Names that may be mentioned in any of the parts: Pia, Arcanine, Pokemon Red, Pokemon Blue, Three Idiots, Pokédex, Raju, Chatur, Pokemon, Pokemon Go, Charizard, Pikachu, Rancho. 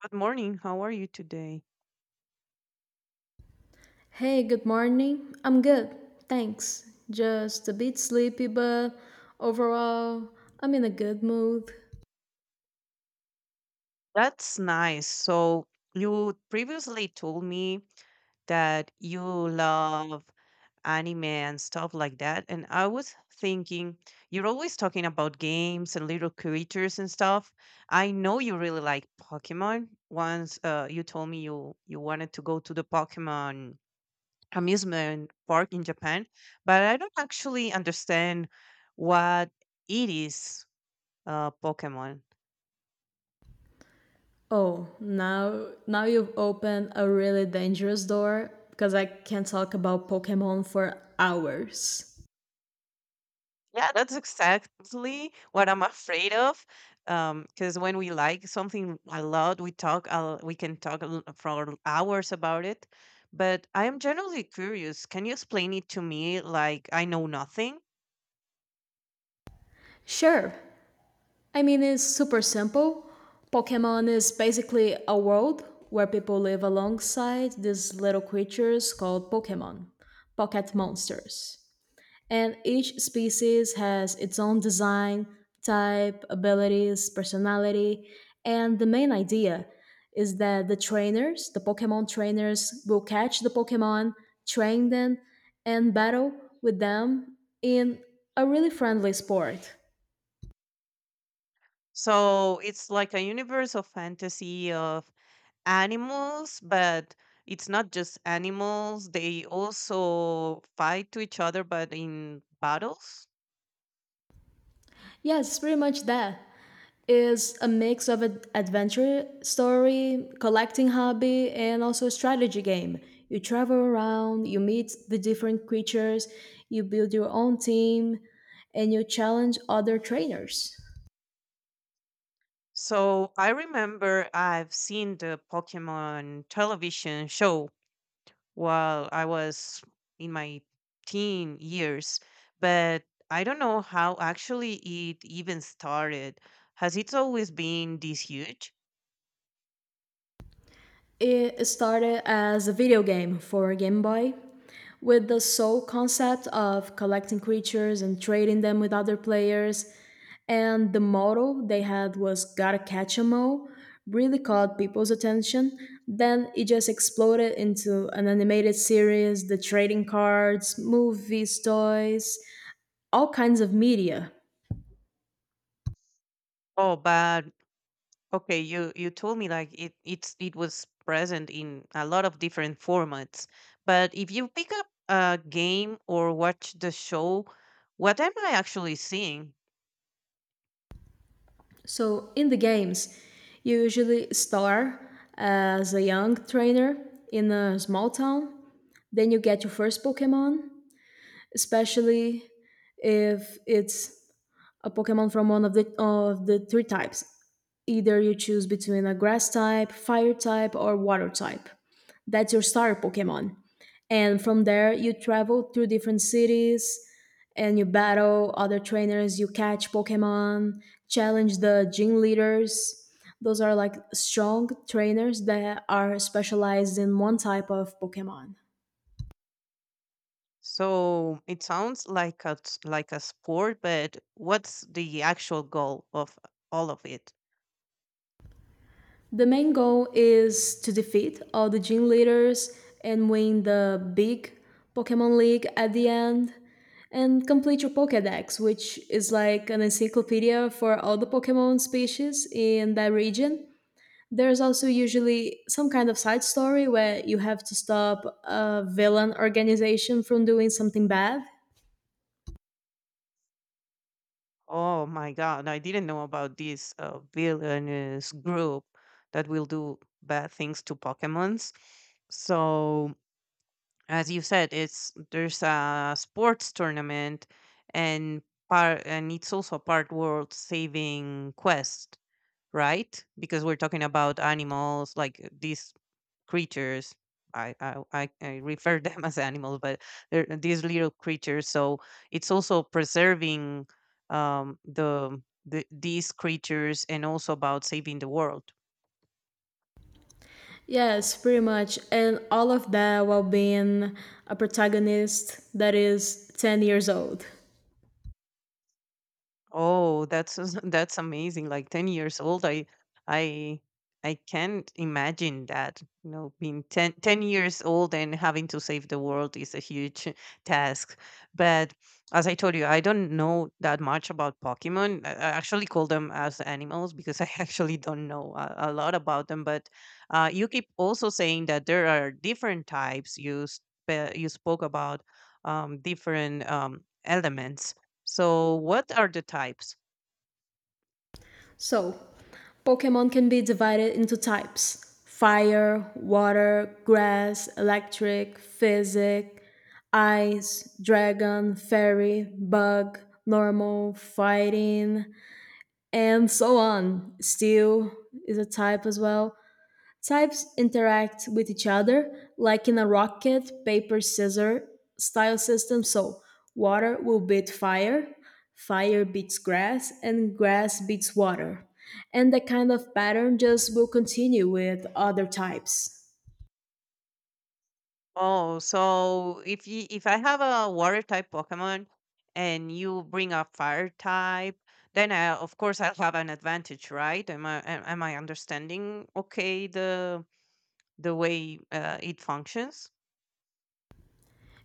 Good morning. How are you today? Hey, good morning. I'm good, thanks. Just a bit sleepy, but overall, I'm in a good mood. That's nice. So, you previously told me that you love anime and stuff like that. And I was thinking, you're always talking about games and little creatures and stuff. I know you really like Pokemon. Once you told me you wanted to go to the Pokemon amusement park in Japan, but I don't actually understand what it is, Pokemon. Oh, now you've opened a really dangerous door because I can talk about Pokemon for hours. Yeah, that's exactly what I'm afraid of. Because when we like something a lot, we talk, we can talk for hours about it. But I am generally curious. Can you explain it to me like I know nothing? Sure. I mean, it's super simple. Pokemon is basically a world where people live alongside these little creatures called Pokemon, pocket monsters. And each species has its own design, type, abilities, personality. And the main idea is that the trainers, the Pokemon trainers, will catch the Pokemon, train them, and battle with them in a really friendly sport. So it's like a universe of fantasy of animals, but it's not just animals. They also fight to each other, but in battles. Yes, pretty much that. Is a mix of an adventure story, collecting hobby, and also a strategy game. You travel around, you meet the different creatures, you build your own team, and you challenge other trainers. So I remember I've seen the Pokemon television show while I was in my teen years, but I don't know how actually it even started. Has it always been this huge? It started as a video game for Game Boy with the sole concept of collecting creatures and trading them with other players. And the motto they had was gotta catch 'em all, really caught people's attention. Then it just exploded into an animated series, the trading cards, movies, toys, all kinds of media. Oh, but okay, you told me like it was present in a lot of different formats. But if you pick up a game or watch the show, what am I actually seeing? So in the games, you usually start as a young trainer in a small town, then you get your first Pokemon, especially if it's a Pokemon from one of the three types. Either you choose between a grass type, fire type, or water type. That's your starter Pokemon. And from there you travel through different cities and you battle other trainers, you catch Pokemon, challenge the gym leaders. Those are like strong trainers that are specialized in one type of Pokemon. So it sounds like like a sport, but what's the actual goal of all of it? The main goal is to defeat all the gym leaders and win the big Pokemon League at the end and complete your Pokédex, which is like an encyclopedia for all the Pokemon species in that region. There's also usually some kind of side story where you have to stop a villain organization from doing something bad. Oh my God, I didn't know about this villainous group that will do bad things to Pokemons. So as you said, it's there's a sports tournament and part, and it's also a part world saving quest, right? Because we're talking about animals, like these creatures. I refer them as animals, but they're these little creatures. So it's also preserving um, the, these creatures and also about saving the world. Yes, pretty much. And all of that while being a protagonist that is 10 years old. Oh, that's that's amazing. Like 10 years old, I I can't imagine that. You know, being 10 10 years old and having to save the world is a huge task. But as I told you, I don't know that much about Pokemon. I actually call them as animals because I actually don't know a lot about them. But you keep also saying that there are different types. You spoke about different elements, so what are the types? So, Pokemon can be divided into types fire, water, grass, electric, physic, ice, dragon, fairy, bug, normal, fighting, and so on. Steel is a type as well. Types interact with each other like in a rocket paper scissors style system, so water will beat fire, fire beats grass, and grass beats water. And that kind of pattern just will continue with other types. Oh, so if you if I have a water type Pokemon and you bring a fire type, then of course I'll have an advantage, right? Am I understanding okay the way it functions?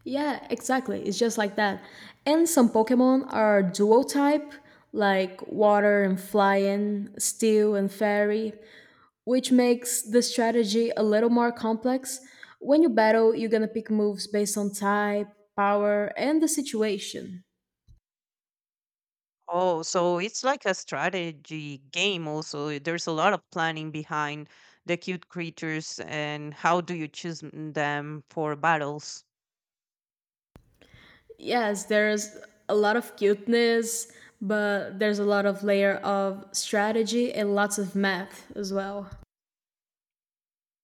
Yeah, exactly. It's just like that. And some Pokemon are dual type, like water and flying, steel and fairy. Which makes the strategy a little more complex. When you battle, you're gonna pick moves based on type, power, and the situation. Oh, so it's like a strategy game also. There's a lot of planning behind the cute creatures, and how do you choose them for battles? Yes, there's a lot of cuteness, but there's a lot of layer of strategy and lots of math as well.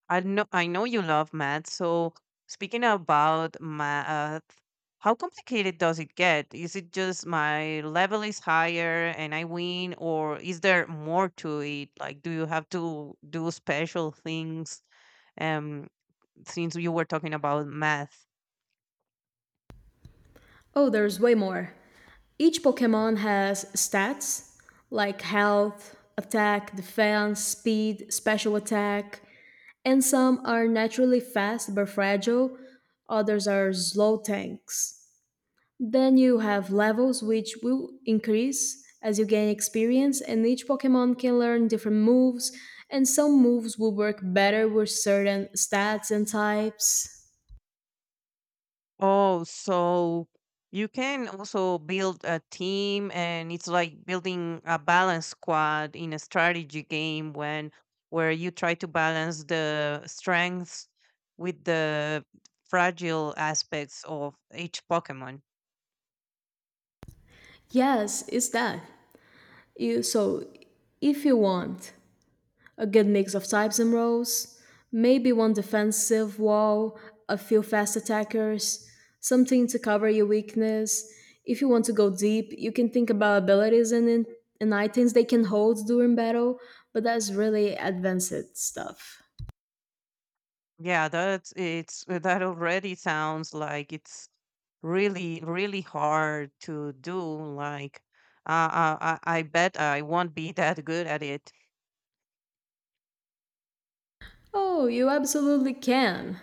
I know you love math. So speaking about math, how complicated does it get? Is it just my level is higher and I win, or is there more to it? Like, do you have to do special things? Um, since you were talking about math. Oh, there's way more. Each Pokemon has stats like health, attack, defense, speed, special attack, and some are naturally fast but fragile, others are slow tanks. Then you have levels which will increase as you gain experience, and each Pokemon can learn different moves, and some moves will work better with certain stats and types. Oh, so you can also build a team, and it's like building a balance squad in a strategy game when where you try to balance the strengths with the fragile aspects of each Pokemon. Yes, it's that. You so if you want a good mix of types and roles, maybe one defensive wall, a few fast attackers, something to cover your weakness. If you want to go deep, you can think about abilities and and items they can hold during battle, but that's really advanced stuff. Yeah, that already sounds like it's really hard to do. Like, I bet I won't be that good at it. Oh, you absolutely can.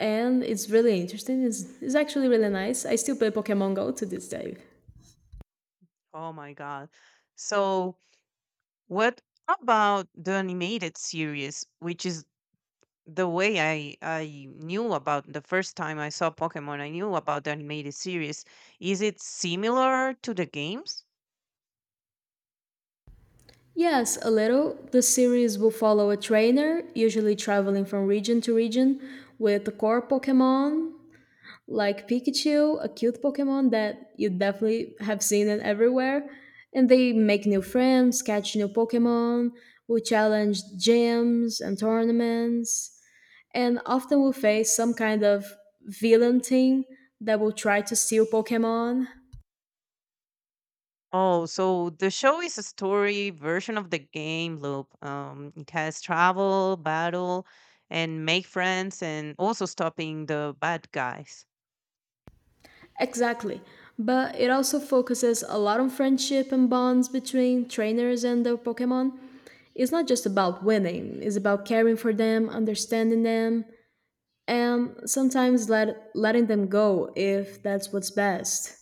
And it's really interesting. It's actually really nice. I still play Pokemon Go to this day. Oh my God. So, what about the animated series, which is the way I knew about? The first time I saw Pokemon, I knew about the animated series. Is it similar to the games? Yes, a little. The series will follow a trainer, usually traveling from region to region, with the core Pokemon like Pikachu, a cute Pokemon that you definitely have seen it everywhere. And they make new friends, catch new Pokemon, will challenge gyms and tournaments, and often will face some kind of villain team that will try to steal Pokemon. Oh, so the show is a story version of the game loop. It has travel, battle, and make friends, and also stopping the bad guys. Exactly. But it also focuses a lot on friendship and bonds between trainers and their Pokemon. It's not just about winning, it's about caring for them, understanding them, and sometimes letting them go if that's what's best.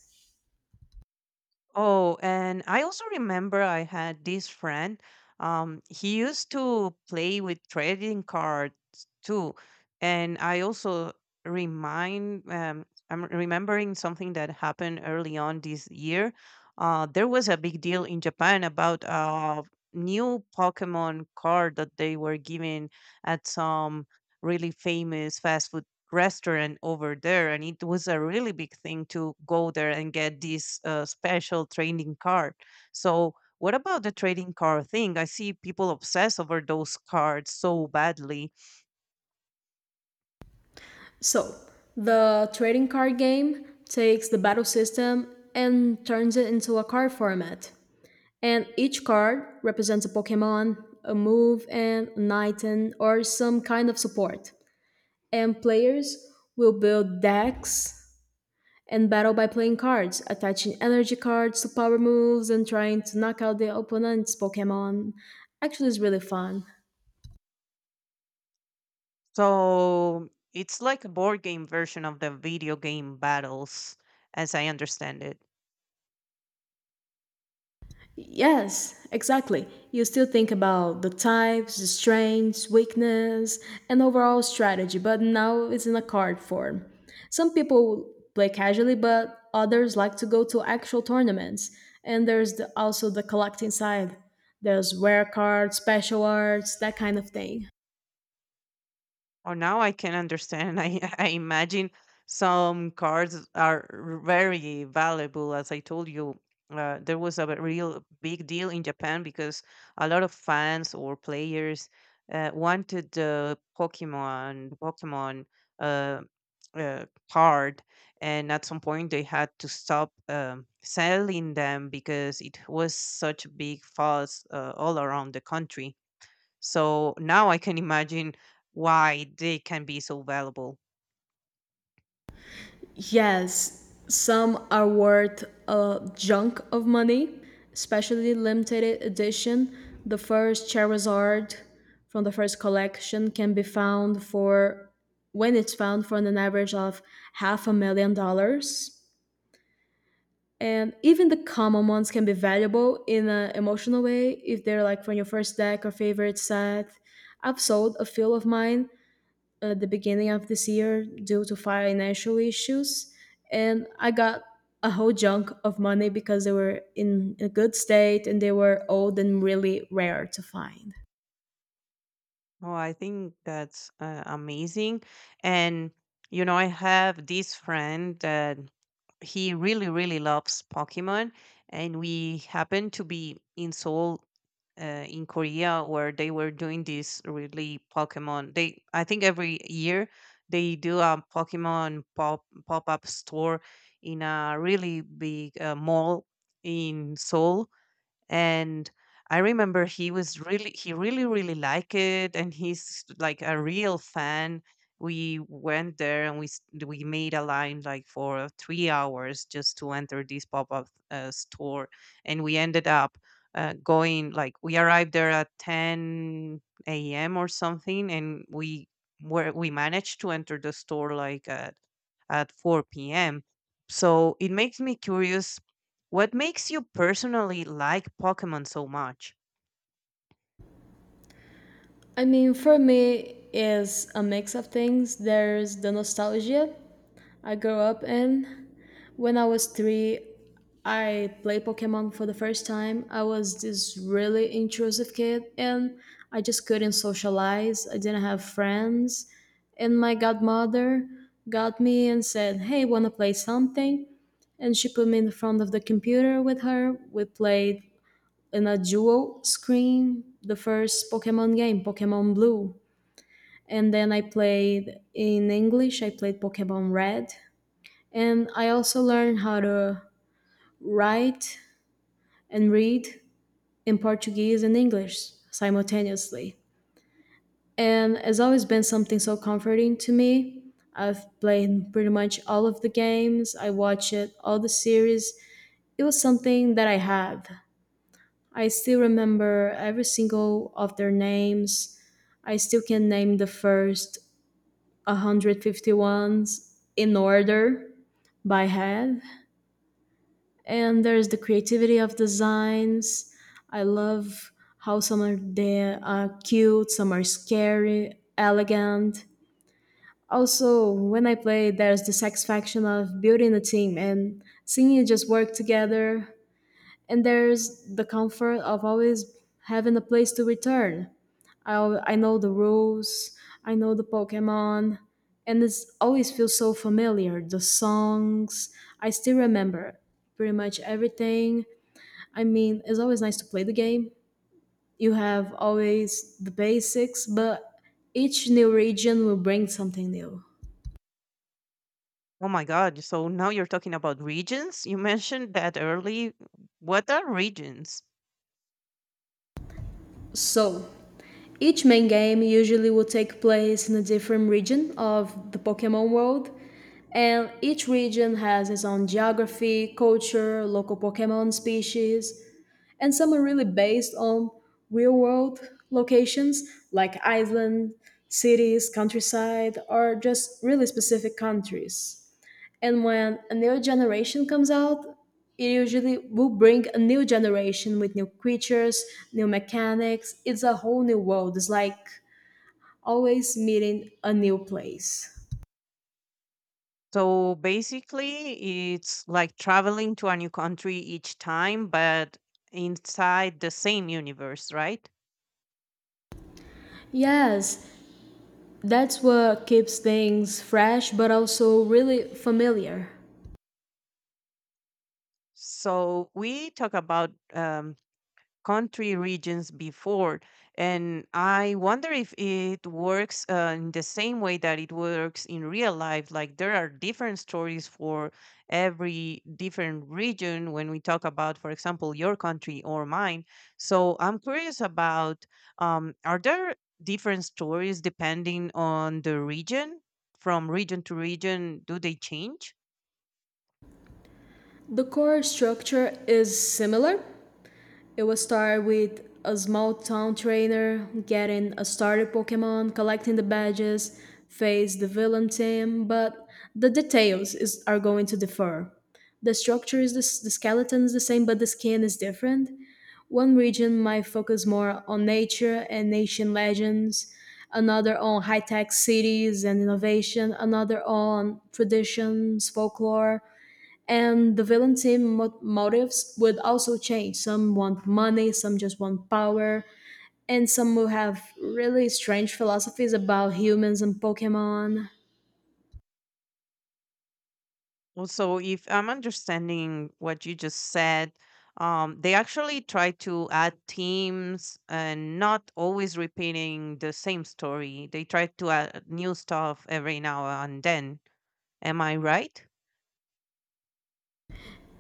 Oh, and I also remember I had this friend. He used to play with trading cards too, and I also remind I'm remembering something that happened early on this year. There was a big deal in Japan about a new Pokemon card that they were giving at some really famous fast food restaurant over there, and it was a really big thing to go there and get this special trading card. So what about the trading card thing? I see people obsess over those cards so badly. So, the trading card game takes the battle system and turns it into a card format. And each card represents a Pokemon, a move, and an item, or some kind of support. And players will build decks and battle by playing cards, attaching energy cards to power moves and trying to knock out the opponent's Pokemon. Actually, it's really fun. So it's like a board game version of the video game battles, as I understand it. Yes, exactly. You still think about the types, the strengths, weakness, and overall strategy, but now it's in a card form. Some people play casually, but others like to go to actual tournaments. And there's also the collecting side. There's rare cards, special arts, that kind of thing. Oh, now I can understand. I, I imagine some cards are very valuable. As I told you, there was real big deal in Japan because a lot of fans or players wanted the Pokemon uh, uh, card, and at some point they had to stop selling them because it was such a big fuss all around the country. So now I can imagine why they can be so valuable. Yes, some are worth a junk of money, especially limited edition. The first Charizard from the first collection can be found for, when it's found, for an average of half a million dollars. And even the common ones can be valuable in an emotional way if they're like from your first deck or favorite set. I've sold a few of mine at the beginning of this year due to financial issues, and I got a whole junk of money because they were in a good state and they were old and really rare to find. Oh, I think that's amazing. And, you know, I have this friend that he really, really loves Pokemon. And we happened to be in Seoul. In Korea, where they were doing this really Pokemon, they, I think, every year they do a Pokemon pop up store in a really big mall in Seoul. And I remember he really really liked it, and he's like a real fan. We went there and we made a line like for 3 hours just to enter this pop up store, and we ended up going, like we arrived there at ten a.m. or something, and we managed to enter the store like at 4 p.m. So it makes me curious, what makes you personally like Pokemon so much? I mean, for me, is a mix of things. There's the nostalgia I grew up in, when I was three, I played Pokemon for the first time. I was this really intrusive kid and I just couldn't socialize. I didn't have friends. And my godmother got me and said, Hey, wanna play something? And she put me in front of the computer with her. We played in a dual screen the first Pokemon game, Pokemon Blue. And then I played in English, I played Pokemon Red. And I also learned how to write and read in Portuguese and English simultaneously. And it's always been something so comforting to me. I've played pretty much all of the games, I watched it, all the series. It was something that I had. I still remember every single of their names. I still can name the first 150 ones in order by head. And there's the creativity of designs. I love how some are they are cute, some are scary, elegant. Also, when I play, there's the satisfaction of building a team and seeing it just work together. And there's the comfort of always having a place to return. I know the rules, I know the Pokemon, and it's always feels so familiar. The songs, I still remember pretty much everything. I mean, it's always nice to play the game. You have always the basics, but each new region will bring something new. Oh my god, so now you're talking about regions? You mentioned that early. What are regions? So, each main game usually will take place in a different region of the Pokemon world, and each region has its own geography, culture, local Pokemon species, and some are really based on real world locations like island, cities, countryside, or just really specific countries. And when a new generation comes out it usually will bring a new generation with new creatures, new mechanics. It's a whole new world. It's like always meeting a new place. So basically, it's like traveling to a new country each time, but inside the same universe, right? Yes, that's what keeps things fresh but also really familiar. So we talk about country regions before, and I wonder if it works in the same way that it works in real life. Like, there are different stories for every different region when we talk about, for example, your country or mine. So I'm curious about, are there different stories depending on the region? From region to region, do they change? The core structure is similar. It will start with a small town trainer, getting a starter Pokemon, collecting the badges, face the villain team, but the details are going to differ. The structure is the skeleton is the same, but the skin is different. One region might focus more on nature and ancient legends, another on high tech cities and innovation, another on traditions, folklore, and the villain team motives would also change. Some want money, some just want power, and some will have really strange philosophies about humans and Pokemon. Well, so if I'm understanding what you just said, they actually try to add themes and not always repeating the same story. They try to add new stuff every now and then. Am I right?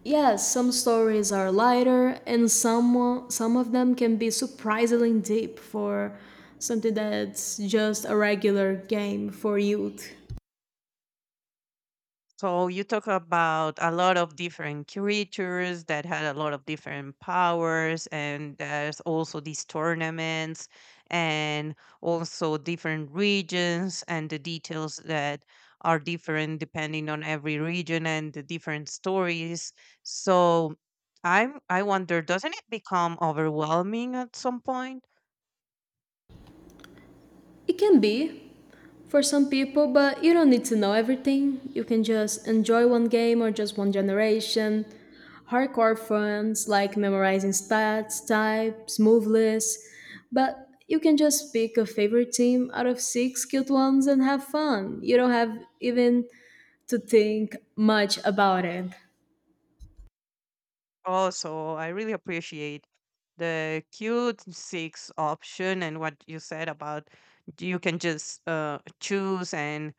Yes, some stories are lighter, and some of them can be surprisingly deep for something that's just a regular game for youth. So you talk about a lot of different creatures that had a lot of different powers, and there's also these tournaments, and also different regions and the details that are different depending on every region and the different stories. So I wonder, doesn't it become overwhelming at some point? It can be for some people, but you don't need to know everything. You can just enjoy one game or just one generation, hardcore fronts like memorizing stats, types, move lists, but you can just pick a favorite team out of six cute ones and have fun. You don't have even to think much about it. Also, I really appreciate the Q six option and what you said about you can just choose and,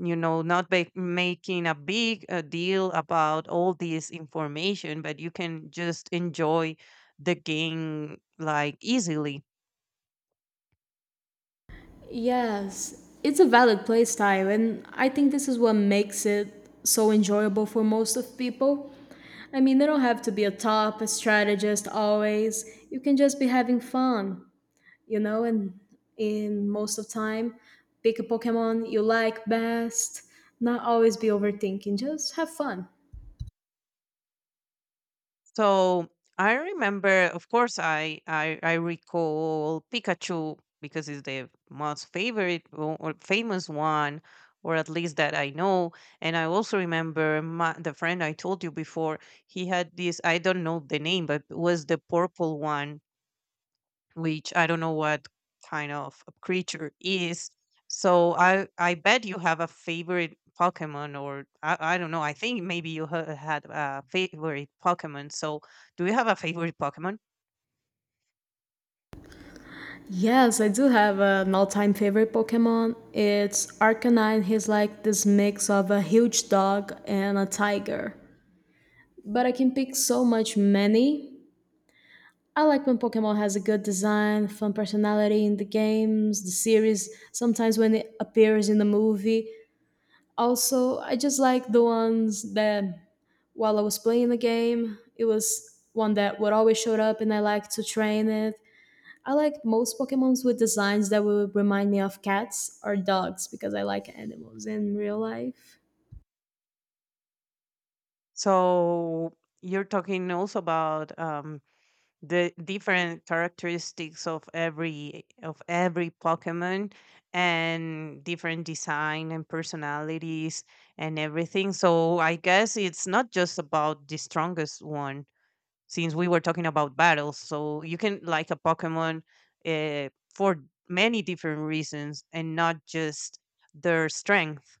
you know, not ba- making a big deal about all this information, but you can just enjoy the game like easily. Yes, it's a valid playstyle, and I think this is what makes it so enjoyable for most of people. I mean, they don't have to be a top strategist always. You can just be having fun. You know and in most of time pick a pokemon you like best, not always be overthinking, just have fun. So I remember, of course, I recall Pikachu because it's the most favorite or famous one, or at least that I know. And I also remember the friend I told you before. He had this, I don't know the name, but was the purple one, which I don't know what kind of a creature is. So I bet you have a favorite Pokemon, or, I don't know. I think maybe you had a favorite Pokemon. So do you have a favorite Pokemon? Yes, I do have an all-time favorite Pokemon. It's Arcanine. He's like this mix of a huge dog and a tiger, but I can pick so much many. I like when Pokemon has a good design, fun personality in the games, the series, sometimes when it appears in the movie. Also, I just like the ones that while I was playing the game. It was one that would always show up, and I liked to train it. I liked most Pokemons with designs that would remind me of cats or dogs because I like animals in real life. So you're talking also about the different characteristics of every Pokemon, and different design and personalities and everything. So I guess it's not just about the strongest one, since we were talking about battles. So you can like a Pokemon uh, for many different reasons and not just their strength.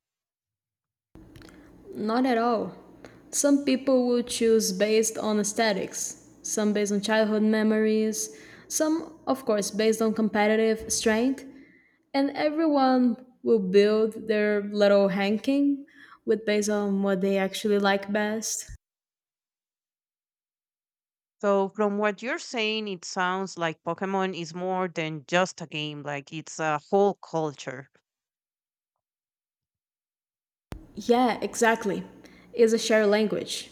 Not at all. Some people will choose based on aesthetics, some based on childhood memories, some, of course, based on competitive strength, and everyone will build their little ranking with based on what they actually like best. So from what you're saying, it sounds like Pokemon is more than just a game, like it's a whole culture. Yeah, exactly. It's a shared language.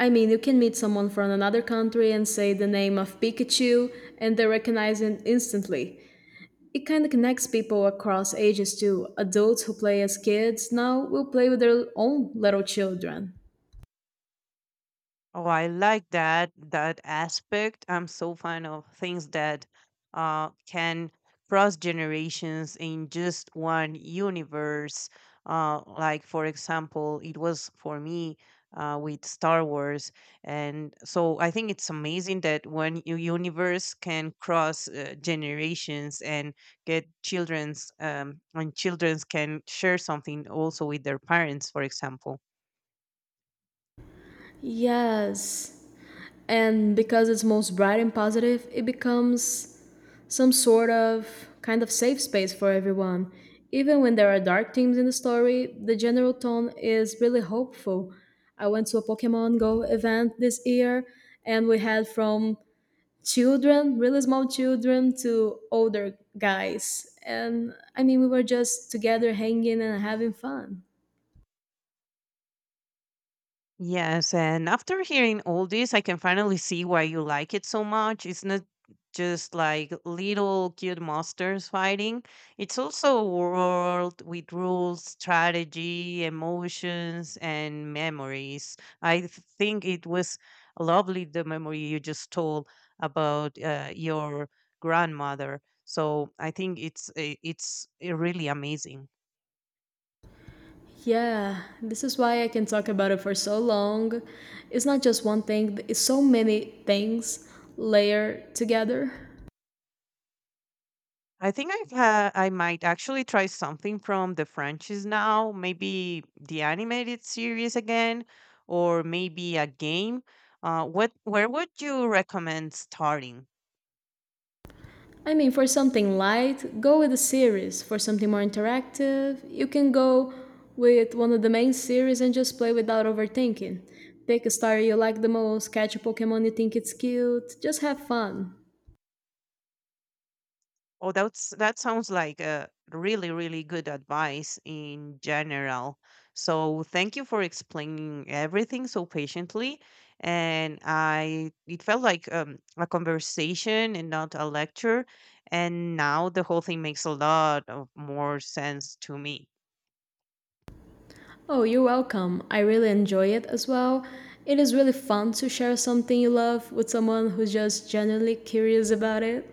I mean, you can meet someone from another country and say the name of Pikachu, and they recognize it instantly. It kind of connects people across ages too. Adults who play as kids now will play with their own little children. Oh, I like that aspect. I'm so fond of things that can cross generations in just one universe. Like for example, it was for me with Star Wars, and so I think it's amazing that one universe can cross generations, and get children's and childrens can share something also with their parents, for example. Yes. And because it's most bright and positive, it becomes some sort of kind of safe space for everyone. Even when there are dark themes in the story, the general tone is really hopeful. I went to a Pokemon Go event this year, and we had from children, really small children, to older guys. And I mean, we were just together hanging and having fun. Yes, and after hearing all this, I can finally see why you like it so much. It's not just like little cute monsters fighting, it's also a world with rules, strategy, emotions, and memories. Think it was lovely, the memory you just told about your grandmother. So I think it's really amazing. Yeah, this is why I can talk about it for so long. It's not just one thing, it's so many things layered together. I think I might actually try something from the franchise now, maybe the animated series again, or maybe a game. What Where would you recommend starting? I mean, for something light, go with a series. For something more interactive, you can go with one of the main series and just play without overthinking. Pick a star you like the most, catch a Pokemon you think it's cute, just have fun. Oh, that sounds like a really, really good advice in general. So thank you for explaining everything so patiently. And I, it felt like a conversation and not a lecture. And now the whole thing makes a lot of more sense to me. Oh, you're welcome. I really enjoy it as well. It is really fun to share something you love with someone who's just genuinely curious about it.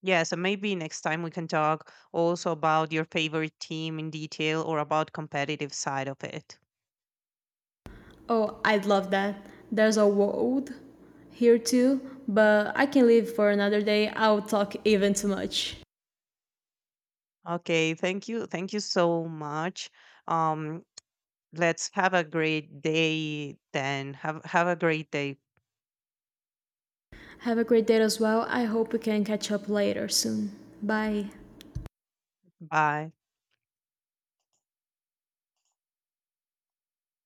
Yeah, so maybe next time we can talk also about your favorite team in detail or about competitive side of it. Oh, I'd love that. There's a world here too, but I can leave for another day. I'll talk even too much. Okay, thank you. Thank you so much. Um, Let's have a great day then. Have a great day. Have a great day as well. I hope we can catch up later soon. Bye. Bye.